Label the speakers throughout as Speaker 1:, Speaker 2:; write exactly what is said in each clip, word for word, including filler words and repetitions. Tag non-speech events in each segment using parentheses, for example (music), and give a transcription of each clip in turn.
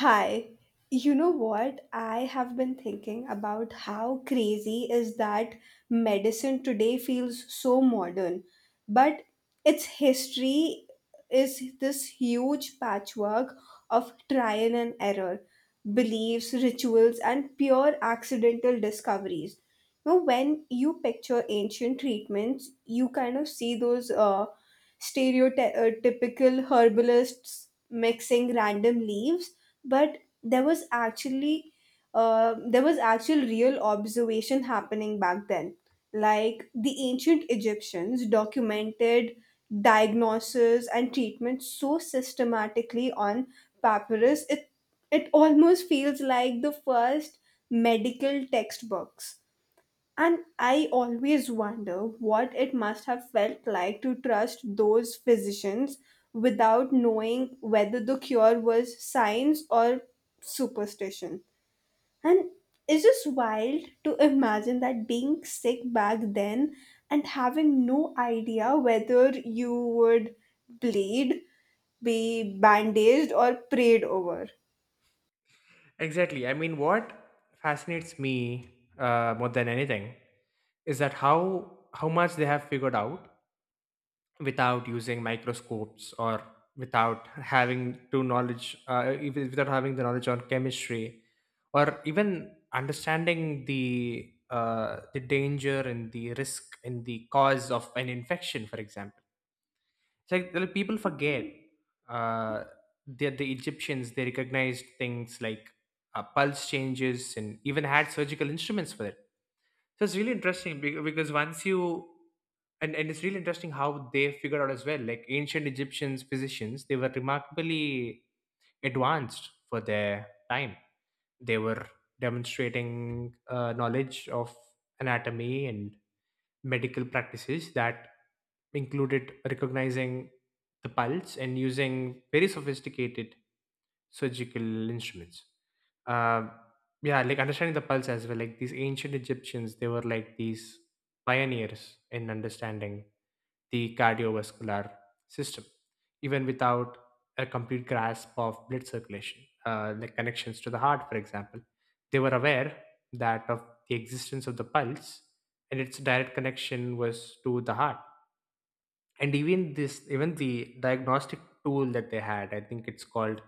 Speaker 1: Hi. You know what? I have been thinking about how crazy is that medicine today feels so modern, but its history is this huge patchwork of trial and error, beliefs, rituals, and pure accidental discoveries. Now, when you picture ancient treatments, you kind of see those uh, stereotypical herbalists mixing random leaves, but there was actually uh, there was actual real observation happening back then, like the ancient Egyptians documented diagnosis and treatment so systematically on papyrus. It it almost feels like the first medical textbooks, and I always wonder what it must have felt like to trust those physicians without knowing whether the cure was science or superstition. And it's just wild to imagine that being sick back then and having no idea whether you would bleed, be bandaged, or prayed over.
Speaker 2: Exactly. I mean, what fascinates me uh, more than anything is that how how much they have figured out without using microscopes or without having to knowledge uh, even without having the knowledge on chemistry or even understanding the uh, the danger and the risk and the cause of an infection, for example. It's like the people forget, uh, that the Egyptians, they recognized things like uh, pulse changes and even had surgical instruments for it. So it's really interesting be- because once you, and, and it's really interesting how they figured out as well. Like ancient Egyptians physicians, they were remarkably advanced for their time. They were demonstrating uh, knowledge of anatomy and medical practices that included recognizing the pulse and using very sophisticated surgical instruments. Um, yeah, like understanding the pulse as well. Like these ancient Egyptians, they were like these pioneers in understanding the cardiovascular system, even without a complete grasp of blood circulation, uh, like connections to the heart, for example. They were aware that of the existence of the pulse and its direct connection was to the heart, and even this even the diagnostic tool that they had, I think it's called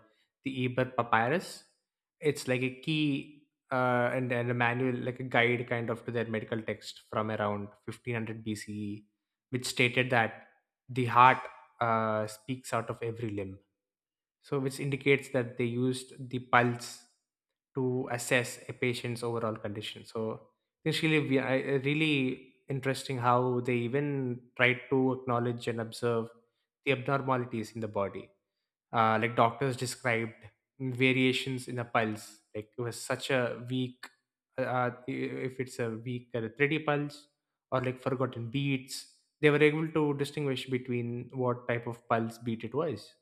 Speaker 2: the Ebirth Papyrus. It's like a key, uh, and, and a manual, like a guide kind of, to their medical text from around fifteen hundred B C E, which stated that the heart uh, speaks out of every limb, so which indicates that they used the pulse to assess a patient's overall condition. So it's really we- I- I really interesting how they even try to acknowledge and observe the abnormalities in the body. Uh, like doctors described variations in the pulse, like it was such a weak, uh, uh, if it's a weak uh, three D pulse or like forgotten beats. They were able to distinguish between what type of pulse beat it was,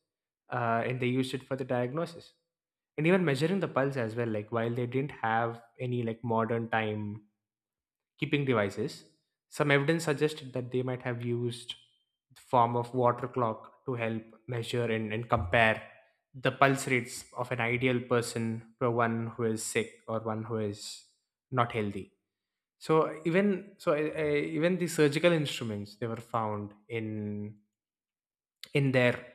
Speaker 2: uh, and they used it for the diagnosis. And even measuring the pulse as well, like while they didn't have any like modern time keeping devices, some evidence suggested that they might have used the form of water clock to help measure and, and compare the pulse rates of an ideal person to one who is sick or one who is not healthy. So even so uh, uh, even the surgical instruments, they were found in in their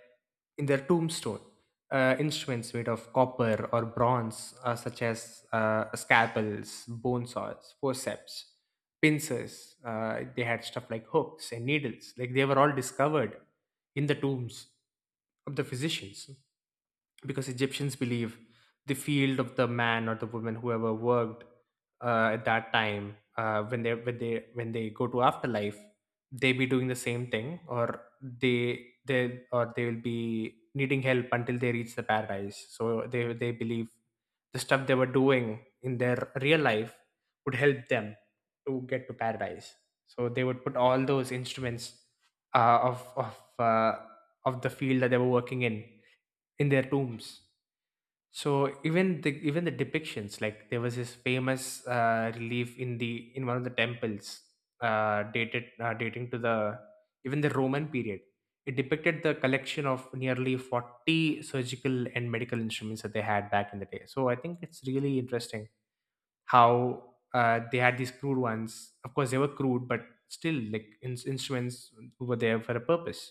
Speaker 2: in their tombstone. Uh, instruments made of copper or bronze, uh, such as uh, scalpels, bone saws, forceps, pincers. Uh, they had stuff like hooks and needles. Like they were all discovered in the tombs of the physicians, because Egyptians believe the field of the man or the woman, whoever worked uh, at that time, uh, when they when they when they go to afterlife, they be doing the same thing, or they they or they will be needing help until they reach the paradise. So they they believe the stuff they were doing in their real life would help them to get to paradise. So they would put all those instruments uh, of of uh, of the field that they were working in in their tombs. So even the even the depictions, like there was this famous uh, relief in the, in one of the temples, uh, dated uh, dating to the, even the Roman period. It depicted the collection of nearly forty surgical and medical instruments that they had back in the day. So I think it's really interesting how uh, they had these crude ones. Of course, they were crude, but still, like in- instruments were there for a purpose.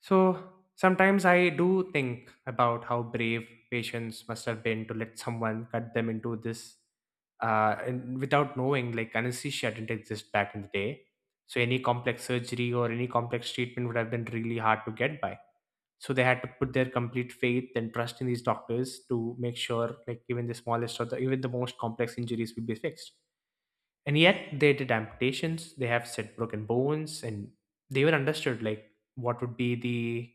Speaker 2: So sometimes I do think about how brave patients must have been to let someone cut them into this, uh, and without knowing, like anesthesia didn't exist back in the day. So any complex surgery or any complex treatment would have been really hard to get by. So they had to put their complete faith and trust in these doctors to make sure, like even the smallest or the, even the most complex injuries will be fixed. And yet they did amputations, they have set broken bones, and they even understood like what would be the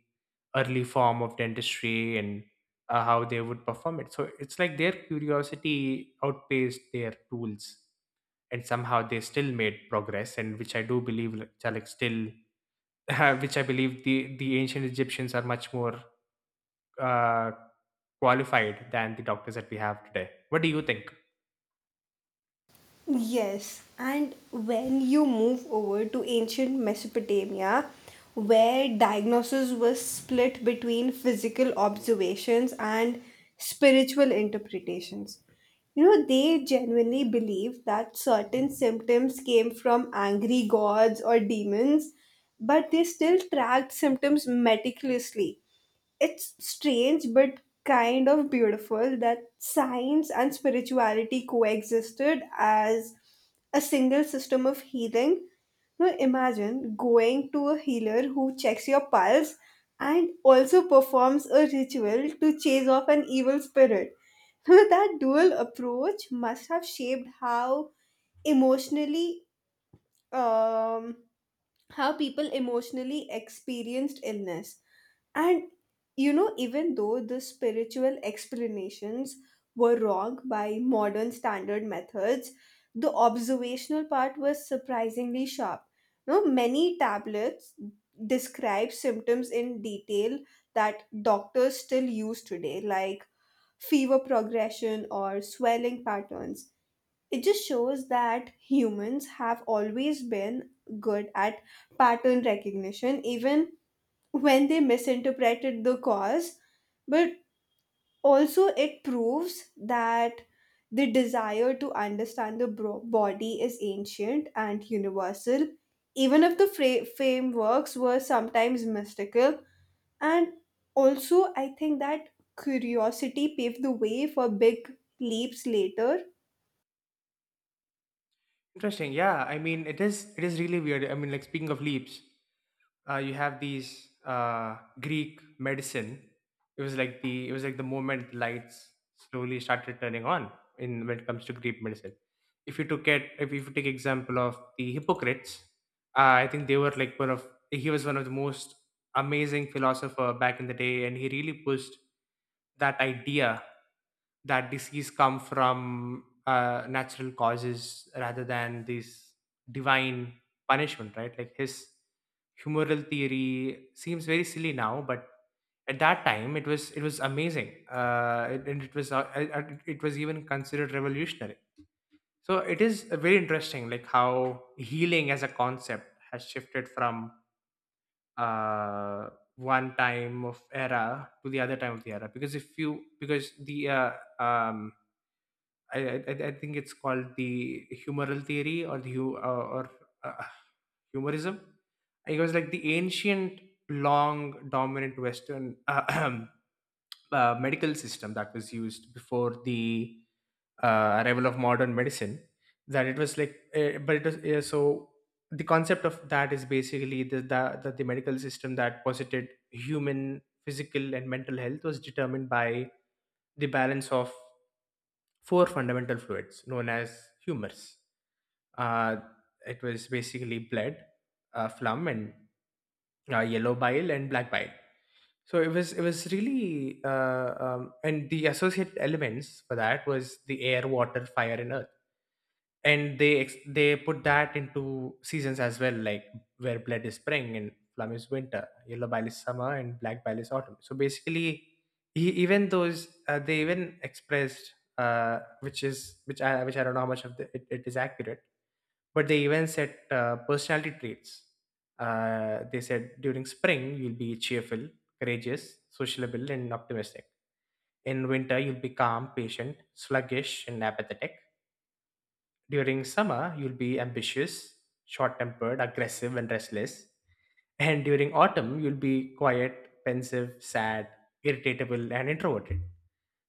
Speaker 2: early form of dentistry, and uh, how they would perform it. So it's like their curiosity outpaced their tools, and somehow they still made progress. And which I do believe, like, are like still (laughs) which I believe the the ancient Egyptians are much more uh qualified than the doctors that we have today. What do you think?
Speaker 1: Yes, and when you move over to ancient Mesopotamia, where diagnosis was split between physical observations and spiritual interpretations, you know, they genuinely believed that certain symptoms came from angry gods or demons, but they still tracked symptoms meticulously. It's strange, but kind of beautiful that science and spirituality coexisted as a single system of healing. Now imagine going to a healer who checks your pulse and also performs a ritual to chase off an evil spirit. (laughs) Now that dual approach must have shaped how emotionally um how people emotionally experienced illness. And you know, even though the spiritual explanations were wrong by modern standard methods, the observational part was surprisingly sharp. No, many tablets describe symptoms in detail that doctors still use today, like fever progression or swelling patterns. It just shows that humans have always been good at pattern recognition, even when they misinterpreted the cause, but also it proves that the desire to understand the bro- body is ancient and universal, even if the fra- frameworks were sometimes mystical. And also, I think that curiosity paved the way for big leaps later.
Speaker 2: Interesting. Yeah, I mean, it is it is really weird. I mean, like, speaking of leaps, uh, you have these uh, Greek medicine. It was like the it was like the moment lights slowly started turning on in, when it comes to Greek medicine. If you took it, if you take example of the Hippocrates, uh, I think they were like one of he was one of the most amazing philosopher back in the day, and he really pushed that idea that disease come from uh, natural causes rather than this divine punishment, right? Like his humoral theory seems very silly now, but at that time it was it was amazing. Uh, it- and it was, uh, uh, uh, it was even considered revolutionary. So it is uh, very interesting like how healing as a concept has shifted from, uh, one time of era to the other time of the era. Because if you, because the, uh, um, I, I I think it's called the humoral theory, or the hu- uh, or uh, humorism. It was like the ancient, long, dominant Western uh, (clears throat) uh, medical system that was used before the uh, arrival of modern medicine. That it was like, uh, but it was, uh, so. The concept of that is basically the, the that the medical system that posited human physical and mental health was determined by the balance of four fundamental fluids known as humors. Uh, it was basically blood, uh, phlegm, and uh, yellow bile and black bile. So it was it was really, uh, um, and the associated elements for that was the air, water, fire, and earth. And they ex- they put that into seasons as well, like where blood is spring, and plum is winter, yellow bile is summer, and black bile is autumn. So basically, e- even those, uh, they even expressed, uh, which is, which i which i don't know how much of the, it, it is accurate, but they even said, uh, personality traits. Uh, they said during spring you'll be cheerful, courageous, sociable, and optimistic. In winter you'll be calm, patient, sluggish, and apathetic. During summer, you'll be ambitious, short tempered, aggressive, and restless. And during autumn, you'll be quiet, pensive, sad, irritable, and introverted.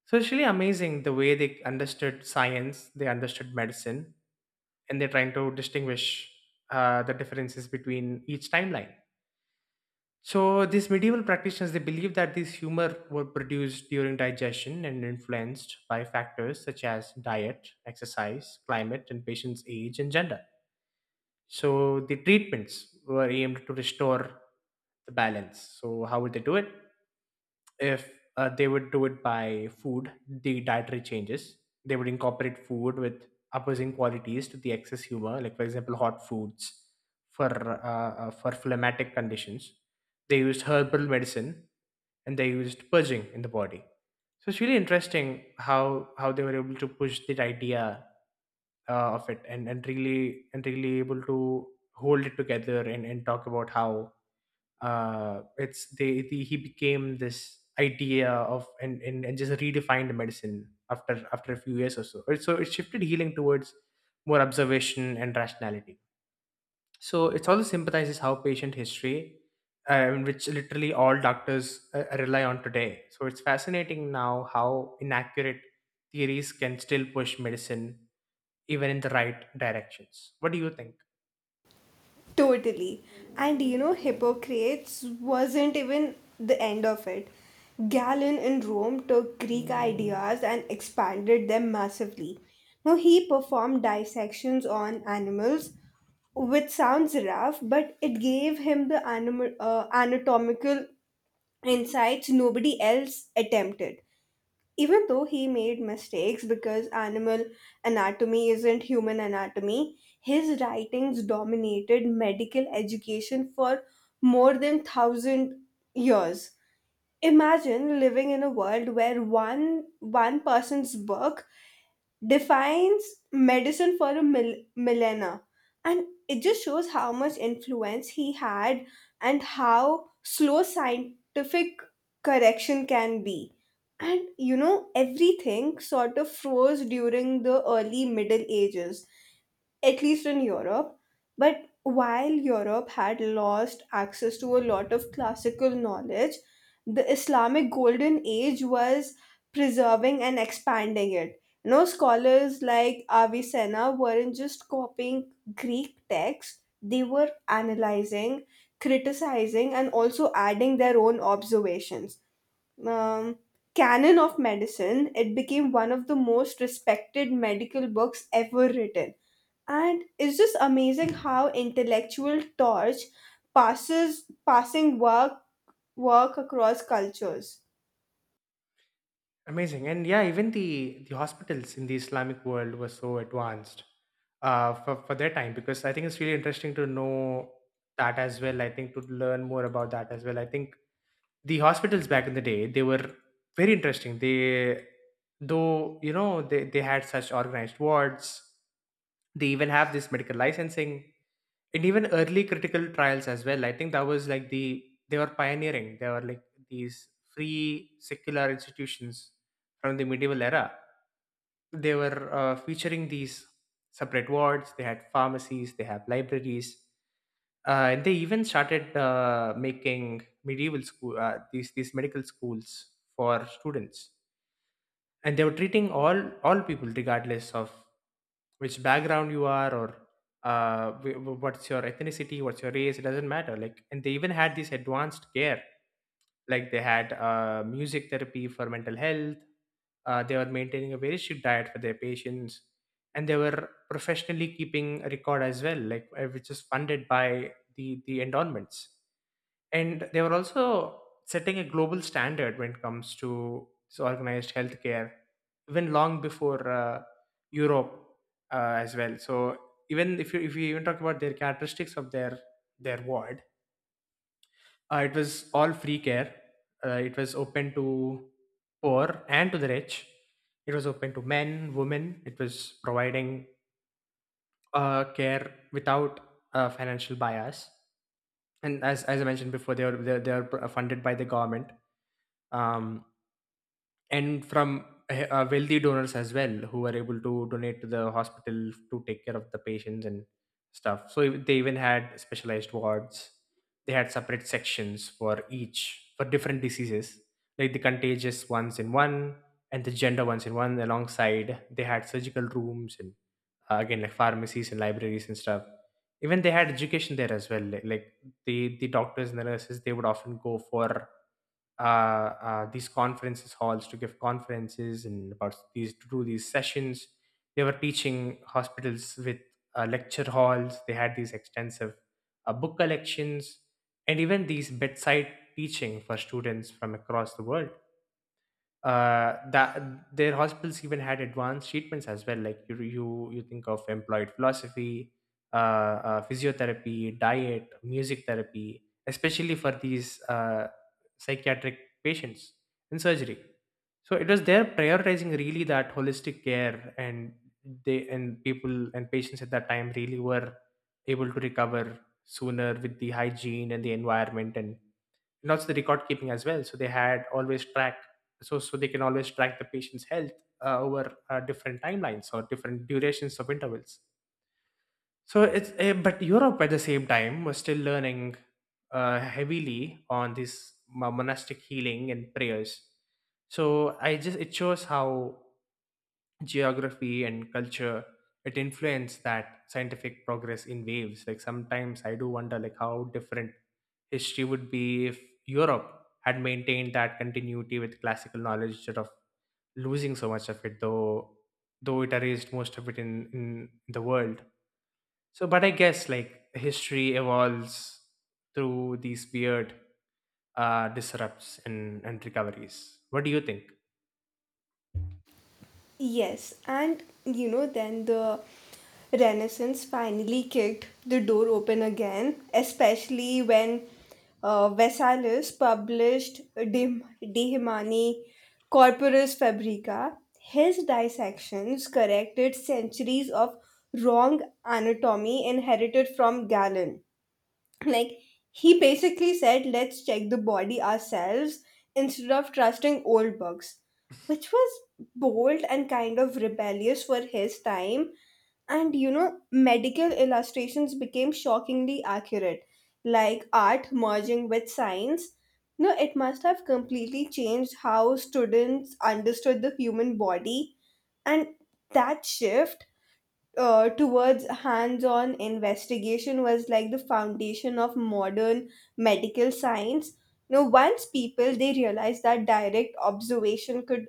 Speaker 2: So it's really amazing the way they understood science, they understood medicine, and they're trying to distinguish uh, the differences between each timeline. So these medieval practitioners, they believed that these humor were produced during digestion and influenced by factors such as diet, exercise, climate, and patient's age and gender. So the treatments were aimed to restore the balance. So how would they do it? If uh, they would do it by food, the dietary changes. They would incorporate food with opposing qualities to the excess humor, like for example, hot foods for uh, uh, for phlegmatic conditions. They used herbal medicine, and they used purging in the body. So it's really interesting how how they were able to push that idea uh, of it, and and really and really able to hold it together, and and talk about how uh it's they the, he became this idea of, and, and and just redefined medicine after after a few years or so. It- so it shifted healing towards more observation and rationality. So it also sympathizes how patient history, um, which literally all doctors uh, rely on today. So it's fascinating now how inaccurate theories can still push medicine even in the right directions. What do you think?
Speaker 1: Totally. And you know, Hippocrates wasn't even the end of it. Galen in Rome took Greek ideas and expanded them massively. Now, he performed dissections on animals, which sounds rough, but it gave him the animal, uh, anatomical insights nobody else attempted. Even though he made mistakes because animal anatomy isn't human anatomy, his writings dominated medical education for more than thousand years. Imagine living in a world where one one person's book defines medicine for a mil- millennia, and it just shows how much influence he had and how slow scientific correction can be. And you know, everything sort of froze during the early Middle Ages, at least in Europe. But while Europe had lost access to a lot of classical knowledge, the Islamic Golden Age was preserving and expanding it. You know, scholars like Avicenna weren't just copying Greek texts, they were analyzing, criticizing, and also adding their own observations. Um, Canon of Medicine, it became one of the most respected medical books ever written, and it's just amazing how intellectual torch passes passing work work across cultures.
Speaker 2: Amazing. And yeah, even the, the hospitals in the Islamic world were so advanced uh, for, for their time, because I think it's really interesting to know that as well. I think to learn more about that as well. I think the hospitals back in the day, they were very interesting. They, though, you know, they, they had such organized wards. They even have this medical licensing and even early critical trials as well. I think that was like the, they were pioneering. They were like these free secular institutions from the medieval era. They were uh, featuring these separate wards, they had pharmacies, they have libraries, uh, and they even started uh, making medieval school, uh, these these medical schools for students. And they were treating all all people regardless of which background you are, or uh, wh- wh- what's your ethnicity, what's your race, it doesn't matter. Like, and they even had this advanced care. Like they had uh, music therapy for mental health. Uh, they were maintaining a very strict diet for their patients, and they were professionally keeping a record as well, like, uh, which is funded by the the endowments. And they were also setting a global standard when it comes to this organized healthcare, even long before uh, Europe, uh, as well. So even if you if you even talk about their characteristics of their their ward, uh, it was all free care. Uh, it was open to poor and to the rich, it was open to men, women. It was providing uh, care without uh, financial bias. And as, as I mentioned before, they are they are they are funded by the government, um, and from eh, uh, wealthy donors as well, who were able to donate to the hospital to take care of the patients and stuff. So ev- they even had specialized wards. They had separate sections for each, for different diseases, like the contagious ones in one and the gender ones in one. Alongside, they had surgical rooms and, uh, again, like pharmacies and libraries and stuff. Even they had education there as well, like, like the the doctors and the nurses, they would often go for uh, uh, these conferences halls to give conferences and about these to do these sessions. They were teaching hospitals with uh, lecture halls. They had these extensive uh, book collections and even these bedside teaching for students from across the world. Uh, that their hospitals even had advanced treatments as well. Like you, you, you think of employed philosophy, uh, uh, physiotherapy, diet, music therapy, especially for these uh, psychiatric patients in surgery. So it was there prioritizing really that holistic care, and they and people and patients at that time really were able to recover sooner with the hygiene and the environment and and also the record keeping as well. So they had always track, so so they can always track the patient's health uh, over uh, different timelines or different durations of intervals. So it's uh, but Europe at the same time was still learning uh, heavily on this mo- monastic healing and prayers. So I just, it shows how geography and culture, it influenced that scientific progress in waves. Like sometimes I do wonder, like, how different history would be if Europe had maintained that continuity with classical knowledge instead of losing so much of it, though though it erased most of it in, in the world. So but I guess like history evolves through these weird uh, disrupts and, and recoveries. What do you think?
Speaker 1: Yes, and you know then the Renaissance finally kicked the door open again, especially when uh, Vesalius published De, De Humani Corporis Fabrica. His dissections corrected centuries of wrong anatomy inherited from Galen. Like, he basically said, let's check the body ourselves instead of trusting old books, which was bold and kind of rebellious for his time. And you know, medical illustrations became shockingly accurate, like art merging with science. No, it must have completely changed how students understood the human body. And that shift uh, towards hands-on investigation was like the foundation of modern medical science. You know, once people they realized that direct observation could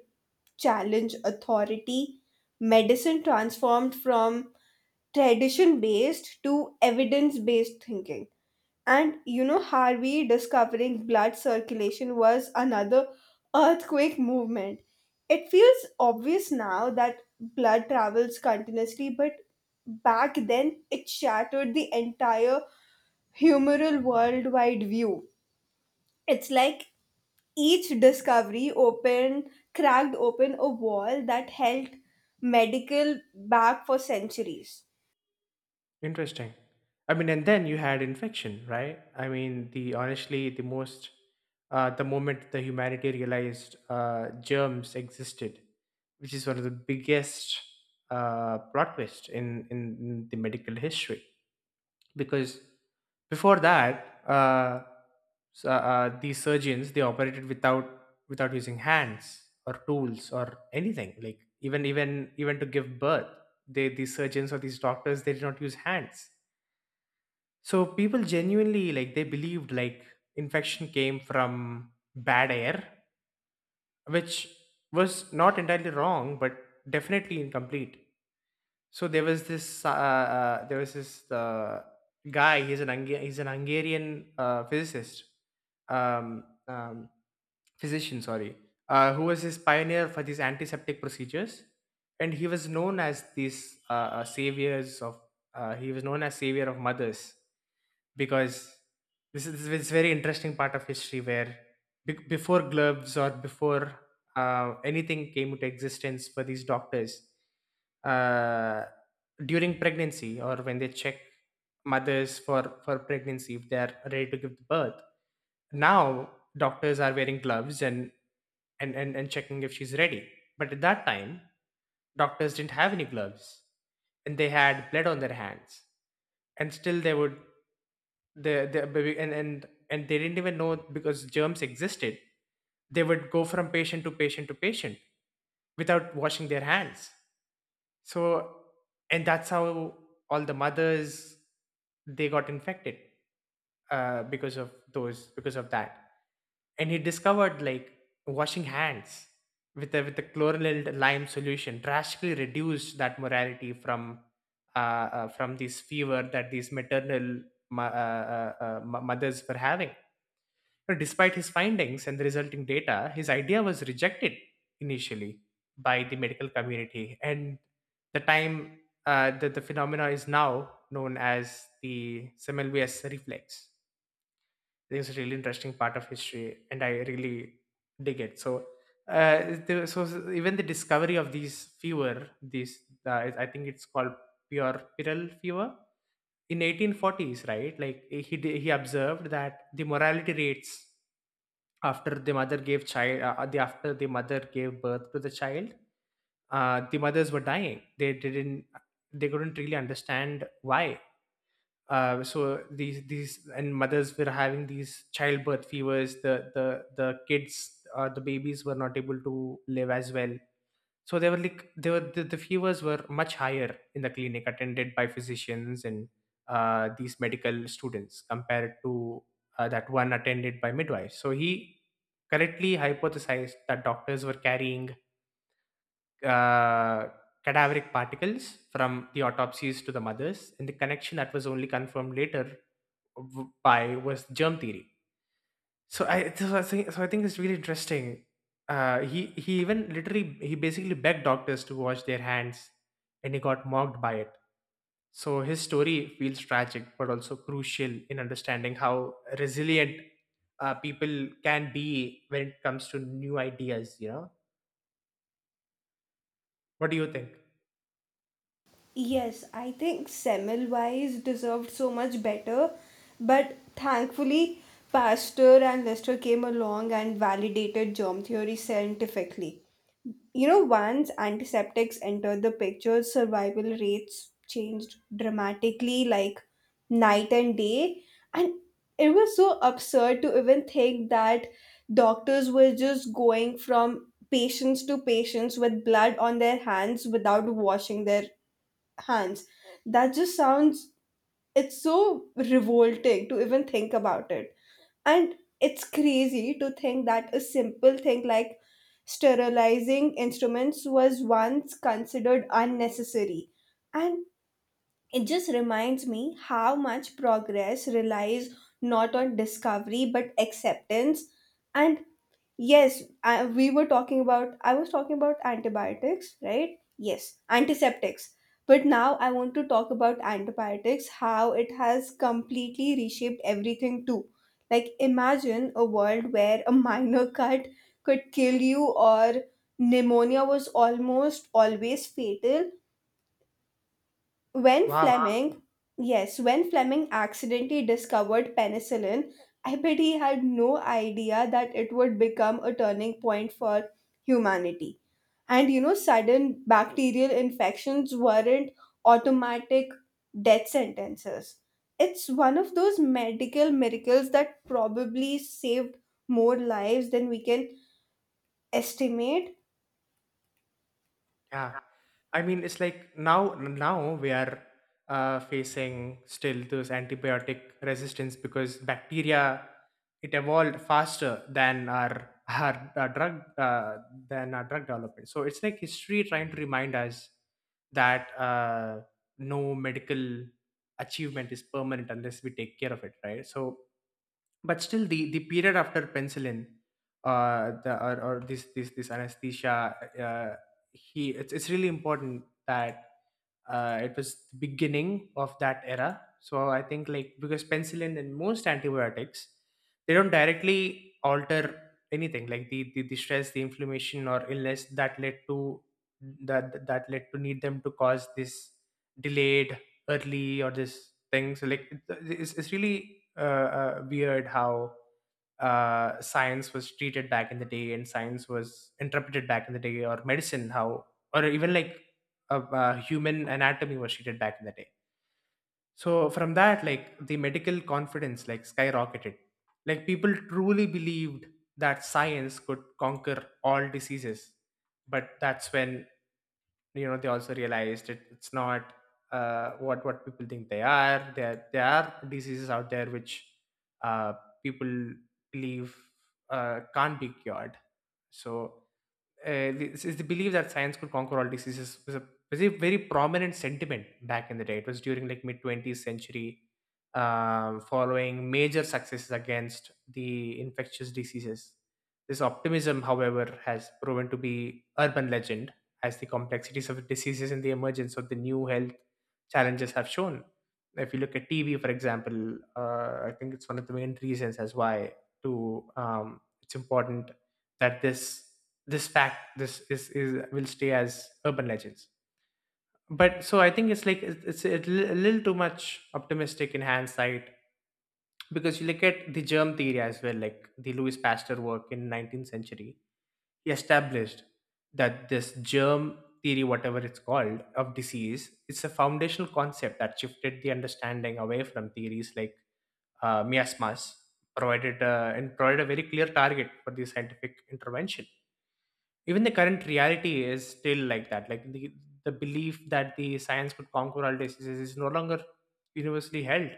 Speaker 1: challenge authority, medicine transformed from tradition-based to evidence-based thinking. And you know, Harvey discovering blood circulation was another earthquake movement. It feels obvious now that blood travels continuously, but back then it shattered the entire humoral worldwide view. It's like each discovery opened, cracked open a wall that held medical back for centuries.
Speaker 2: Interesting. I mean, and then you had infection, right? I mean, the honestly, the most, uh, the moment the humanity realized uh, germs existed, which is one of the biggest uh, plot twists in, in in the medical history. Because before that, uh, s- uh, uh, these surgeons, they operated without, without using hands or tools or anything. Like even even even to give birth, they, these surgeons or these doctors, they did not use hands. So people genuinely, like, they believed like infection came from bad air, which was not entirely wrong, but definitely incomplete. So there was this uh, uh, there was this uh, guy. He's an Hunga- he's an Hungarian uh, physicist, um, um, physician. Sorry, uh, who was his pioneer for these antiseptic procedures, and he was known as these uh, uh, saviors of. Uh, he was known as savior of mothers, because this is this is very interesting part of history where be- before gloves or before uh, anything came into existence for these doctors, uh, during pregnancy, or when they check mothers for for pregnancy, if they are ready to give birth. Now doctors are wearing gloves and and and, and checking if she's ready, but at that time doctors didn't have any gloves, and they had blood on their hands, and still they would the the baby and and and they didn't even know because germs existed. They would go from patient to patient to patient without washing their hands. So, and that's how all the mothers, they got infected, uh, because of those because of that. And he discovered like washing hands with the, with the chlorylated lime solution drastically reduced that mortality from uh, uh, from this fever that these maternal mo- uh, uh, uh, mo- mothers were having. Despite his findings and the resulting data, his idea was rejected initially by the medical community. And the time uh, that the phenomena is now known as the Semmelweis reflex. This is a really interesting part of history, and I really dig it. So, uh, the, so even the discovery of these fever, these, uh, I think it's called puerperal fever in eighteen forties, right? Like he he observed that the mortality rates after the mother gave child, uh, the after the mother gave birth to the child, uh, the mothers were dying, they didn't, they couldn't really understand why. Uh, so these these and mothers were having these childbirth fevers, the the the kids, uh, the babies were not able to live as well. So they were like, they were the, the fevers were much higher in the clinic attended by physicians and uh, these medical students compared to uh, that one attended by midwives. So he correctly hypothesized that doctors were carrying uh, cadaveric particles from the autopsies to the mothers, and the connection that was only confirmed later w- by was germ theory. So I so I think so I think it's really interesting. Uh, he he even literally, he basically begged doctors to wash their hands, and he got mocked by it. So his story feels tragic, but also crucial in understanding how resilient uh, people can be when it comes to new ideas. You know, what do you think?
Speaker 1: Yes, I think Semmelweis deserved so much better, but thankfully, Pasteur and Lister came along and validated germ theory scientifically. You know, once antiseptics entered the picture, survival rates changed dramatically, like night and day. And it was so absurd to even think that doctors were just going from patients to patients with blood on their hands without washing their hands. That just sounds, it's so revolting to even think about it. And it's crazy to think that a simple thing like sterilizing instruments was once considered unnecessary. And it just reminds me how much progress relies not on discovery but acceptance. And yes, I, we were talking about, I was talking about antibiotics, right? Yes, antiseptics. But now I want to talk about antibiotics, how it has completely reshaped everything too. Like, imagine a world where a (laughs) minor cut could kill you, or pneumonia was almost always fatal, when Wow.
Speaker 2: Wow.
Speaker 1: Fleming, yes, when Fleming accidentally discovered penicillin, I bet he had no idea that it would become a turning point for humanity. And you know, sudden bacterial infections weren't automatic death sentences. It's one of those medical miracles that probably saved more lives than we can estimate.
Speaker 2: Yeah, I mean, it's like now now we are uh, facing still those antibiotic resistance, because bacteria, it evolved faster than our (laughs) our, our drug, uh, than our drug development. So it's like history trying to remind us that uh, no medical achievement is permanent unless we take care of it, right? So but still the the period after penicillin, uh the, or, or this this this anesthesia, uh he it's, it's really important that uh, it was the beginning of that era. So I think like, because penicillin and most antibiotics, they don't directly alter anything like the, the, the stress, the inflammation or illness that led to that that led to need them to cause this delayed, early or this thing. So like it- it's, it's really uh, uh, weird how, uh, science was treated back in the day, and science was interpreted back in the day, or medicine how, or even like of uh, human anatomy was treated back in the day. So from that, like the medical confidence like skyrocketed. Like people truly believed that science could conquer all diseases. But that's when, you know, they also realized it, it's not uh, what what people think they are. there there are diseases out there which, uh, people believe uh, can't be cured. So, uh, this is the belief that science could conquer all diseases was a, was a very prominent sentiment back in the day. It was during like mid twentieth century, um, following major successes against the infectious diseases. This optimism, however, has proven to be urban legend as the complexities of diseases and the emergence of the new health challenges have shown. If you look at T B, for example, uh, I think it's one of the main reasons as why to um, it's important that this this fact, this is, is will stay as urban legends. But so I think it's like it's, it's a li- a little too much optimistic in hindsight, because you look at the germ theory as well, like the Louis Pasteur work in nineteenth century. He established that this germ theory, whatever it's called, of disease, it's a foundational concept that shifted the understanding away from theories like uh, miasmas provided uh, and provided a very clear target for the scientific intervention. Even the current reality is still like that, like the, the belief that the science could conquer all diseases is no longer universally held.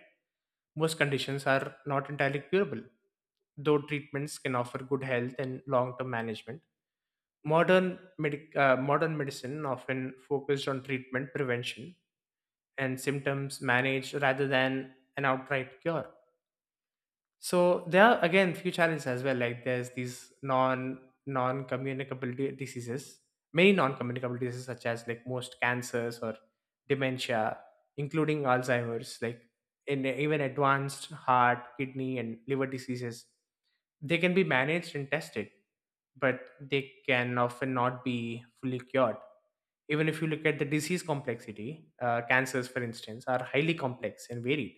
Speaker 2: Most conditions are not entirely curable, though treatments can offer good health and long-term management. Modern medic uh, modern medicine often focused on treatment, prevention, and symptoms managed rather than an outright cure. So there are again few challenges as well. Like there's these non non communicable diseases, many non communicable diseases such as like most cancers or dementia, including Alzheimer's. Like in even advanced heart, kidney, and liver diseases, they can be managed and tested, but they can often not be fully cured. Even if you look at the disease complexity, uh, cancers, for instance, are highly complex and varied,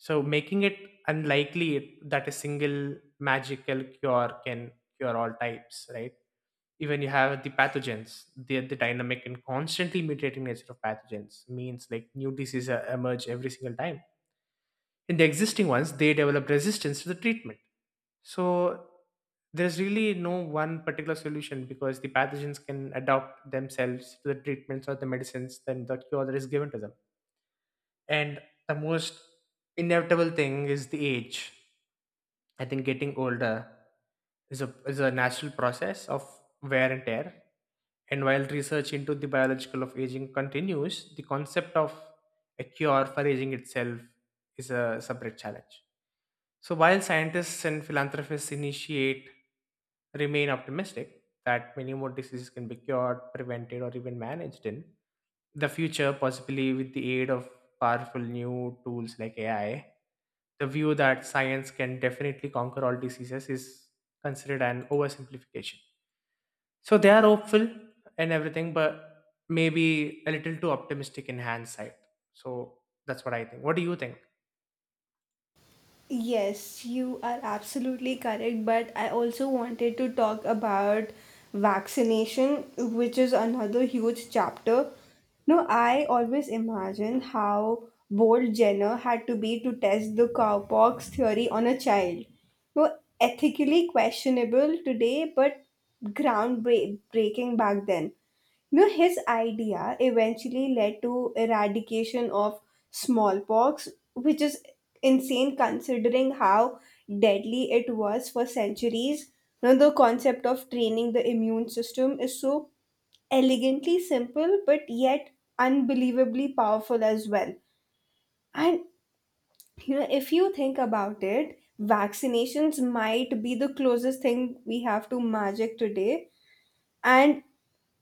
Speaker 2: so making it unlikely that a single magical cure can cure all types, right? Even you have the pathogens, the, the dynamic and constantly mutating nature of pathogens means like new diseases uh, emerge every single time. In the existing ones, they develop resistance to the treatment. So there's really no one particular solution because the pathogens can adapt themselves to the treatments or the medicines than the cure that is given to them. And the most inevitable thing is the age. I think getting older is a is a natural process of wear and tear. And while research into the biological of aging continues, the concept of a cure for aging itself is a separate challenge. So while scientists and philanthropists initiate remain optimistic that many more diseases can be cured, prevented, or even managed in, the future, possibly with the aid of powerful new tools like A I, the view that science can definitely conquer all diseases is considered an oversimplification. So they are hopeful and everything, but maybe a little too optimistic in hindsight. So that's what I think. What do you think?
Speaker 1: Yes, you are absolutely correct, but I also wanted to talk about vaccination, which is another huge chapter. No, I always imagine how bold Jenner had to be to test the cowpox theory on a child. No, ethically questionable today, but groundbreaking back then. You know, his idea eventually led to eradication of smallpox, which is insane considering how deadly it was for centuries. You know, the concept of training the immune system is so elegantly simple, but yet unbelievably powerful as well. And you know, if you think about it, vaccinations might be the closest thing we have to magic today. and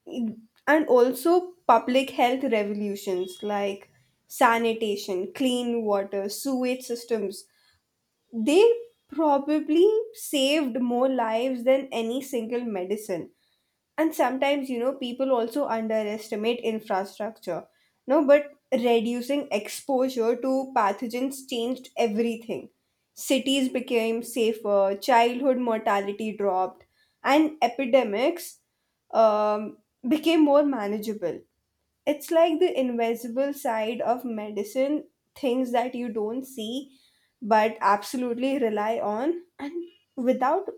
Speaker 1: and also public health revolutions like sanitation, clean water, sewage systems. They probably saved more lives than any single medicine, and sometimes you know people also underestimate infrastructure. No, but reducing exposure to pathogens changed everything. Cities became safer, childhood mortality dropped, and epidemics um, became more manageable. It's like the invisible side of medicine, things that you don't see but absolutely rely on. And without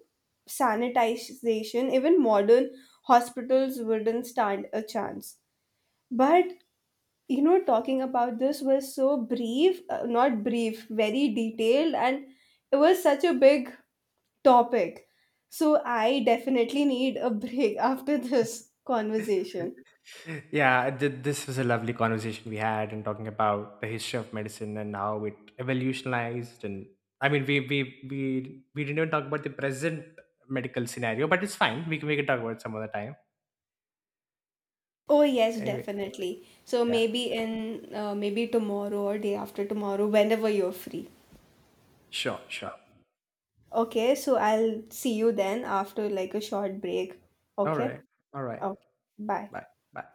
Speaker 1: sanitization, even modern hospitals wouldn't stand a chance. But you know, talking about this was so brief, uh, not brief, very detailed, and it was such a big topic. So I definitely need a break (laughs) after this conversation.
Speaker 2: (laughs) Yeah, th- this was a lovely conversation we had, and talking about the history of medicine and how it evolutionized. And I mean, we we we we didn't even talk about the present medical scenario, but it's fine. We can we can talk about it some other time.
Speaker 1: Oh yes,
Speaker 2: Anyway,
Speaker 1: definitely. So
Speaker 2: yeah,
Speaker 1: maybe in uh, maybe tomorrow or day after tomorrow, whenever you're free.
Speaker 2: sure, sure.
Speaker 1: Okay, so I'll see you then after like a short break.
Speaker 2: All right,
Speaker 1: Okay?
Speaker 2: all right.
Speaker 1: Okay. Bye.
Speaker 2: Bye, bye.